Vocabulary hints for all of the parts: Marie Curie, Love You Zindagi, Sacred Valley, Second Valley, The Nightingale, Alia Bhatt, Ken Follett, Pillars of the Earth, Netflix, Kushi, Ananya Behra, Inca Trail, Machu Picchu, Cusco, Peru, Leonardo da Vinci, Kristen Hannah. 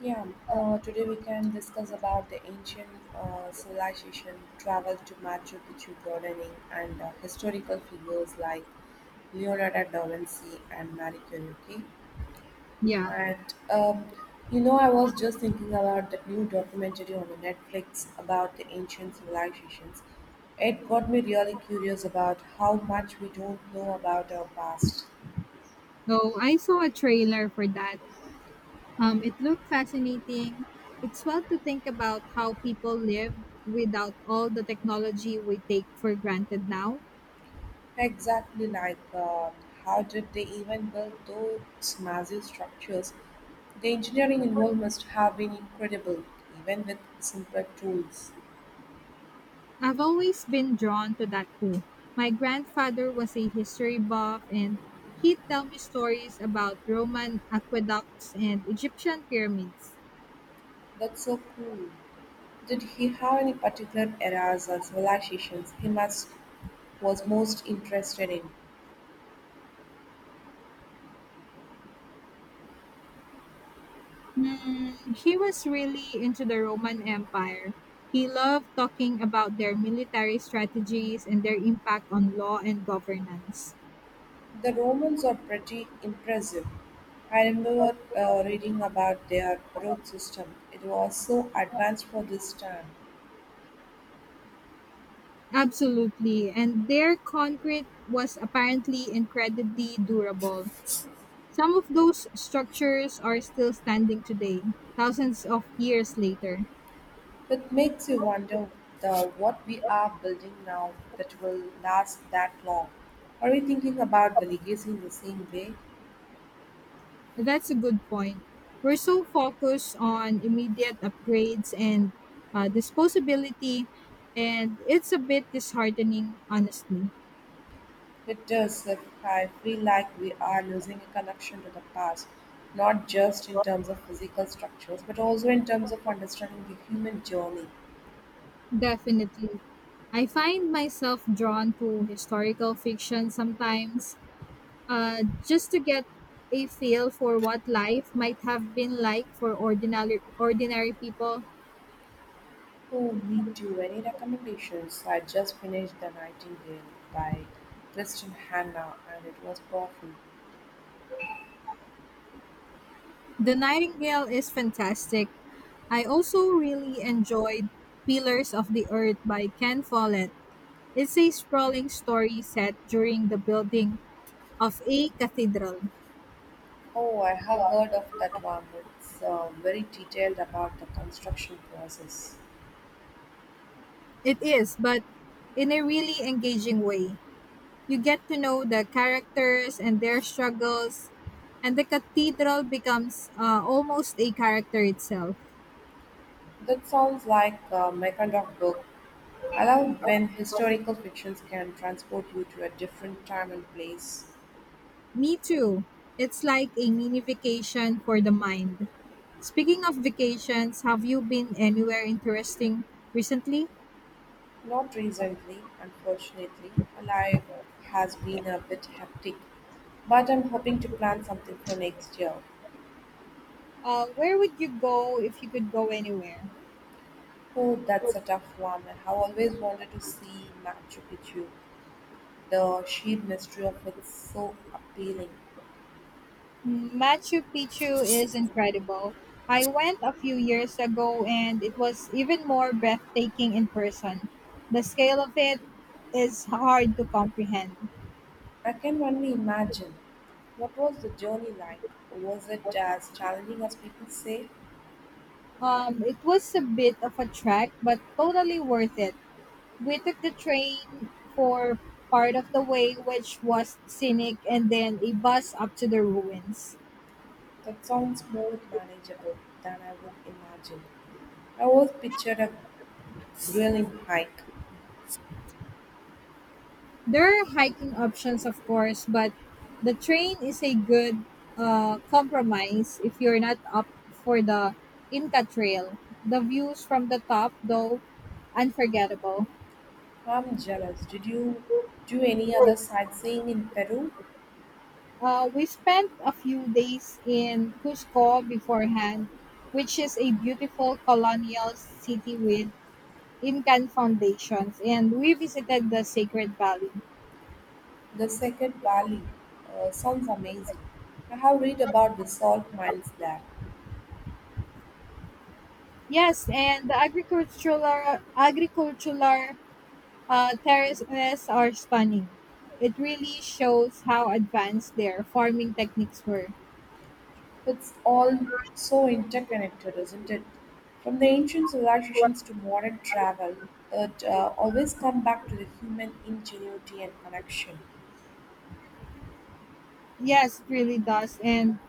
Yeah, today we can discuss about the ancient civilization, travel to Machu Picchu gardening, and historical figures like Leonardo da Vinci and Marie Curie. Okay? Yeah. And um, I was just thinking about that new documentary on the Netflix about the ancient civilizations. It got me really curious about how much we don't know about our past. Oh, I saw a trailer for that. It looked fascinating. It's fun to think about how people live without all the technology we take for granted now. Exactly. Like how did they even build those massive structures? The engineering involved must have been incredible, even with simple tools. I've always been drawn to that too. My grandfather was a history buff, and he'd tell me stories about Roman aqueducts and Egyptian pyramids. That's so cool. Did he have any particular eras or civilizations he must was most interested in? Mm, he was really into the Roman Empire. He loved talking about their military strategies and their impact on law and governance. The Romans are pretty impressive. I remember reading about their road system. It was so advanced for this time. Absolutely. And their concrete was apparently incredibly durable. Some of those structures are still standing today, thousands of years later. It makes you wonder the what we are building now that will last that long. Are we thinking about the legacy in the same way? That's a good point. We're so focused on immediate upgrades and disposability, and it's a bit disheartening, honestly. It does if I feel like we are losing a connection to the past, not just in terms of physical structures, but also in terms of understanding the human journey. Definitely. I find myself drawn to historical fiction sometimes just to get a feel for what life might have been like for ordinary people. Oh, me too. Any recommendations? I just finished The Nightingale by Kristen Hanna and it was powerful. The Nightingale is fantastic. I also really enjoyed Pillars of the Earth by Ken Follett. It's a sprawling story set during the building of a cathedral. Oh, I have heard of that one. It's very detailed about the construction process. It is, but in a really engaging way. You get to know the characters and their struggles, and the cathedral becomes almost a character itself. That sounds like my kind of book. I love when historical fictions can transport you to a different time and place. Me too. It's like a mini vacation for the mind. Speaking of vacations, have you been anywhere interesting recently? Not recently, unfortunately. Life has been a bit hectic, but I'm hoping to plan something for next year. Where would you go if you could go anywhere? Oh, that's a tough one. I have always wanted to see Machu Picchu. The sheer mystery of it's so appealing. Machu Picchu is incredible. I went a few years ago and it was even more breathtaking in person. The scale of it is hard to comprehend. I can only imagine. What was the journey like? Was it as challenging as people say? It was a bit of a trek, but totally worth it. We took the train for part of the way, which was scenic, and then a bus up to the ruins. That sounds more manageable than I would imagine. I always pictured a grueling hike. There are hiking options, of course, but the train is a good compromise if you're not up for the Inca Trail. The views from the top, though, unforgettable. I'm jealous. Did you do any other sightseeing in Peru? We spent a few days in Cusco beforehand, which is a beautiful colonial city with Incan foundations, and we visited the Sacred Valley. The Second Valley sounds amazing. I have read about the salt mines there. Yes, and the agricultural terraces are stunning. It really shows how advanced their farming techniques were. It's all so interconnected, isn't it? From the ancient civilizations to modern travel, it always come back to the human ingenuity and connection. Yes, it really does. And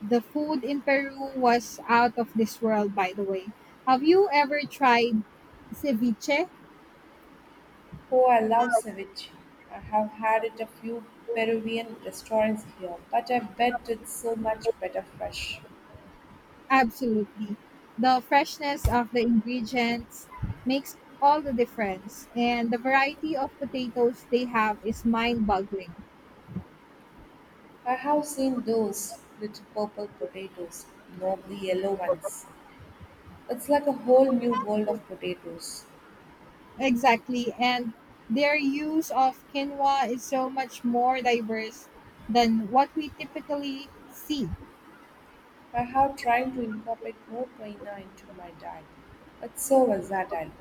the food in Peru was out of this world, by the way. Have you ever tried ceviche? Oh, I love ceviche. I have had it a few Peruvian restaurants here, but I bet it's so much better fresh. Absolutely. The freshness of the ingredients makes all the difference, and the variety of potatoes they have is mind boggling. I have seen those little purple potatoes, not the yellow ones. It's like a whole new world of potatoes. Exactly. And their use of quinoa is so much more diverse than what we typically see. I have tried to incorporate more quinoa into my diet. It's so versatile.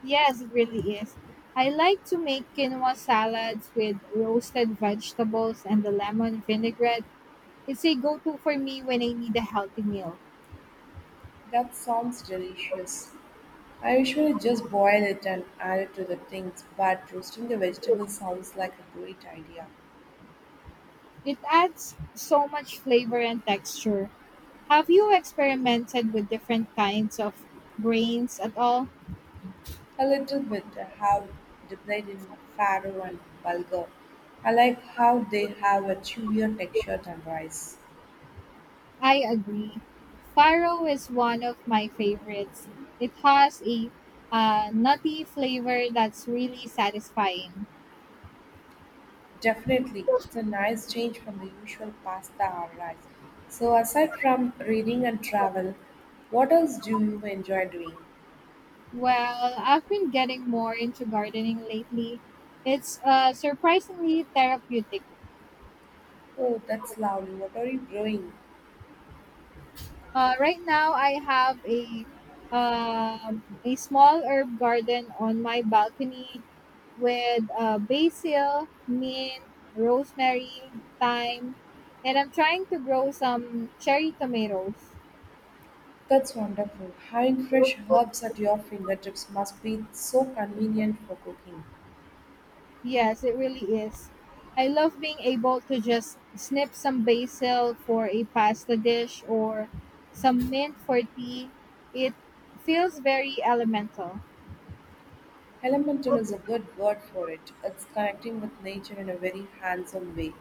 Yes, it really is. I like to make quinoa salads with roasted vegetables and the lemon vinaigrette. It's a go to for me when I need a healthy meal. That sounds delicious. I usually just boil it and add it to the things, but roasting the vegetables sounds like a great idea. It adds so much flavor and texture. Have you experimented with different kinds of grains at all? A little bit. I have dipped in farro and bulgur. I like how they have a chewier texture than rice. I agree. Faro is one of my favorites. It has a nutty flavor that's really satisfying. Definitely, it's a nice change from the usual pasta or rice. So, aside from reading and travel, what else do you enjoy doing? Well, I've been getting more into gardening lately. It's surprisingly therapeutic. Oh, that's lovely. What are you growing? Right now, I have a small herb garden on my balcony with basil, mint, rosemary, thyme, and I'm trying to grow some cherry tomatoes. That's wonderful. Having fresh herbs at your fingertips must be so convenient for cooking. Yes, it really is. I love being able to just snip some basil for a pasta dish or some mint for tea. It feels very elemental. Elemental is a good word for it. It's connecting with nature in a very handsome way.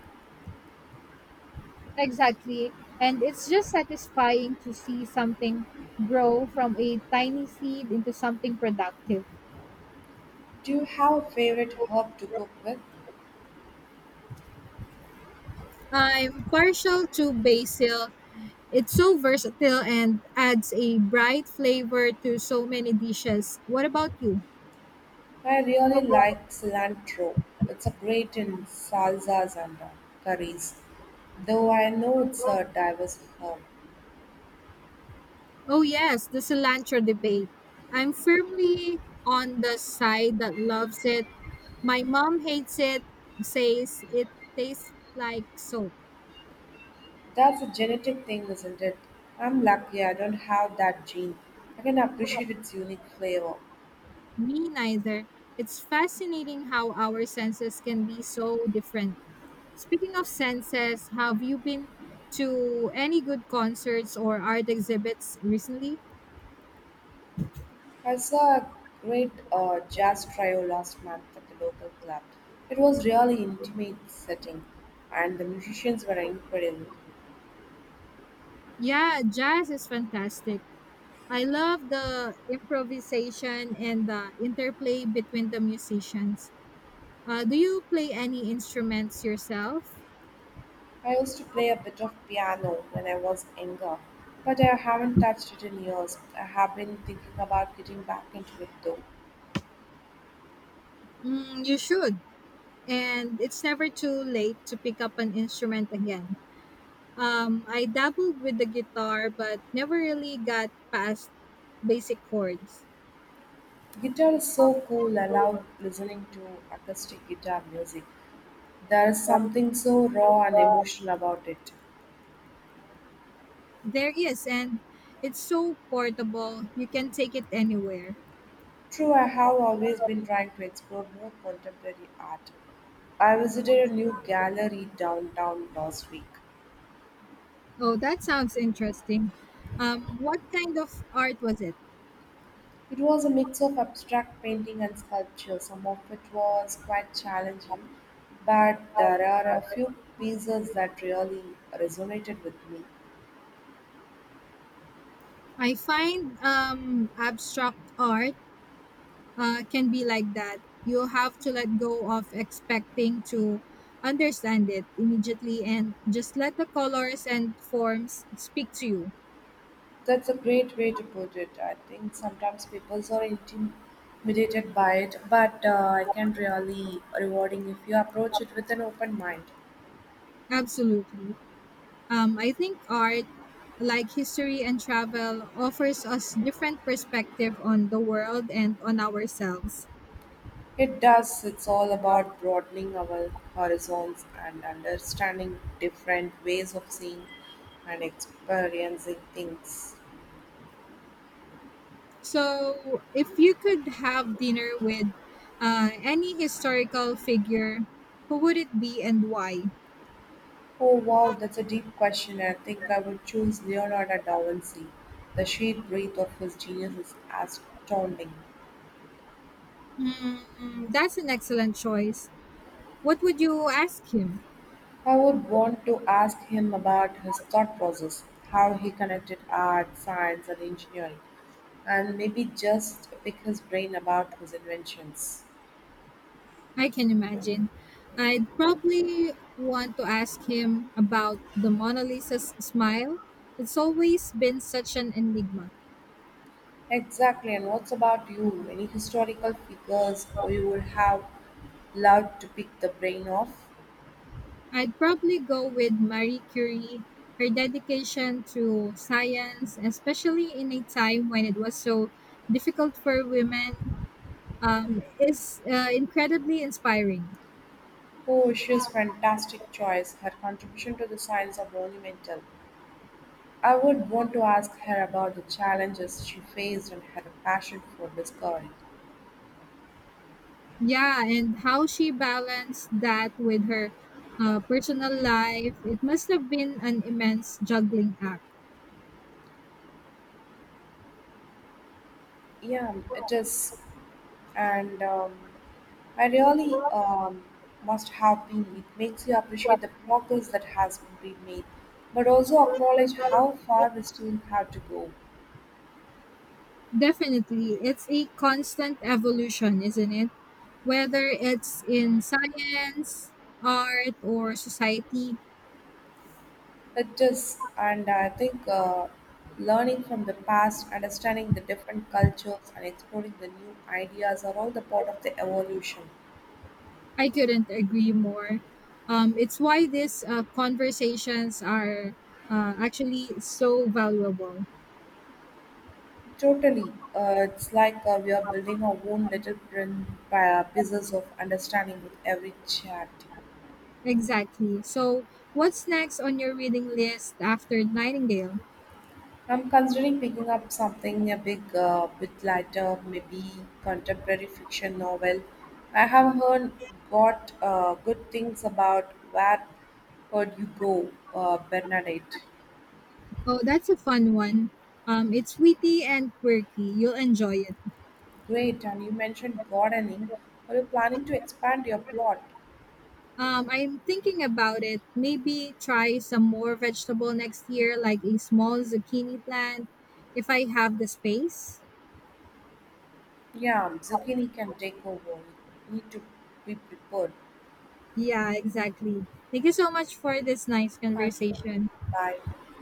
Exactly. And it's just satisfying to see something grow from a tiny seed into something productive. Do you have a favorite herb to cook with? I'm partial to basil. It's so versatile and adds a bright flavor to so many dishes. What about you? I really like cilantro. It's a great in salsas and curries, though I know it's a diverse herb. Oh, yes, the cilantro debate. I'm firmly on the side that loves it. My mom hates it, says it tastes like soap. That's a genetic thing, isn't it? I'm lucky I don't have that gene. I can appreciate its unique flavor. Me neither. It's fascinating how our senses can be so different. Speaking of senses, have you been to any good concerts or art exhibits recently? I saw a great jazz trio last month at the local club. It was really intimate setting, and the musicians were incredible. Yeah, jazz is fantastic. I love the improvisation and the interplay between the musicians. Do you play any instruments yourself? I used to play a bit of piano when I was younger, but I haven't touched it in years. I have been thinking about getting back into it though. Mm, you should. And it's never too late to pick up an instrument again. I dabbled with the guitar, but never really got past basic chords. Guitar is so cool. I love listening to acoustic guitar music. There is something so raw and emotional about it. There is, and it's so portable. You can take it anywhere. True, I have always been trying to explore more contemporary art. I visited a new gallery downtown last week. Oh, that sounds interesting. What kind of art was it? It was a mix of abstract painting and sculpture. Some of it was quite challenging, but there are a few pieces that really resonated with me. I find abstract art can be like that. You have to let go of expecting to understand it immediately and just let the colors and forms speak to you. That's a great way to put it. I think sometimes people are intimidated by it, but I can really rewarding if you approach it with an open mind. Absolutely. I think art, like history and travel, offers us different perspective on the world and on ourselves. It does. It's all about broadening our horizons and understanding different ways of seeing and experiencing things. So, if you could have dinner with any historical figure, who would it be and why? Oh wow, that's a deep question. I think I would choose Leonardo da Vinci. The sheer breadth of his genius is astounding. Hmm, that's an excellent choice. What would you ask him? I would want to ask him about his thought process, how he connected art, science, and engineering, and maybe just pick his brain about his inventions. I can imagine. I'd probably want to ask him about the Mona Lisa's smile. It's always been such an enigma. Exactly, and what's about you? Any historical figures or you would have loved to pick the brain of? I'd probably go with Marie Curie. Her dedication to science, especially in a time when it was so difficult for women, is incredibly inspiring. Oh, she's fantastic choice. Her contribution to the science are monumental. I would want to ask her about the challenges she faced and her passion for discovery. Yeah, and how she balanced that with her personal life, it must have been an immense juggling act. Yeah, it is, and I really must have been. It makes you appreciate the progress that has been made, but also acknowledge how far we still have to go. Definitely, it's a constant evolution, isn't it? Whether it's in science, art, or society, It does, and I think learning from the past, understanding the different cultures, and exploring the new ideas are all the part of the evolution. I couldn't agree more. It's why these conversations are actually so valuable. Totally, it's like we are building our own little print by pieces of understanding with every chat. Exactly. So, what's next on your reading list after Nightingale? I'm considering picking up something a big bit lighter, maybe contemporary fiction novel. I have heard got good things about where would you go, Bernadette. Oh, that's a fun one. It's witty and quirky. You'll enjoy it. Great, and you mentioned gardening. Are you planning to expand your plot? I'm thinking about it. Maybe try some more vegetable next year, like a small zucchini plant, if I have the space. Yeah, zucchini can take over. You need to be prepared. Yeah, exactly. Thank you so much for this nice Thank you. conversation. Bye.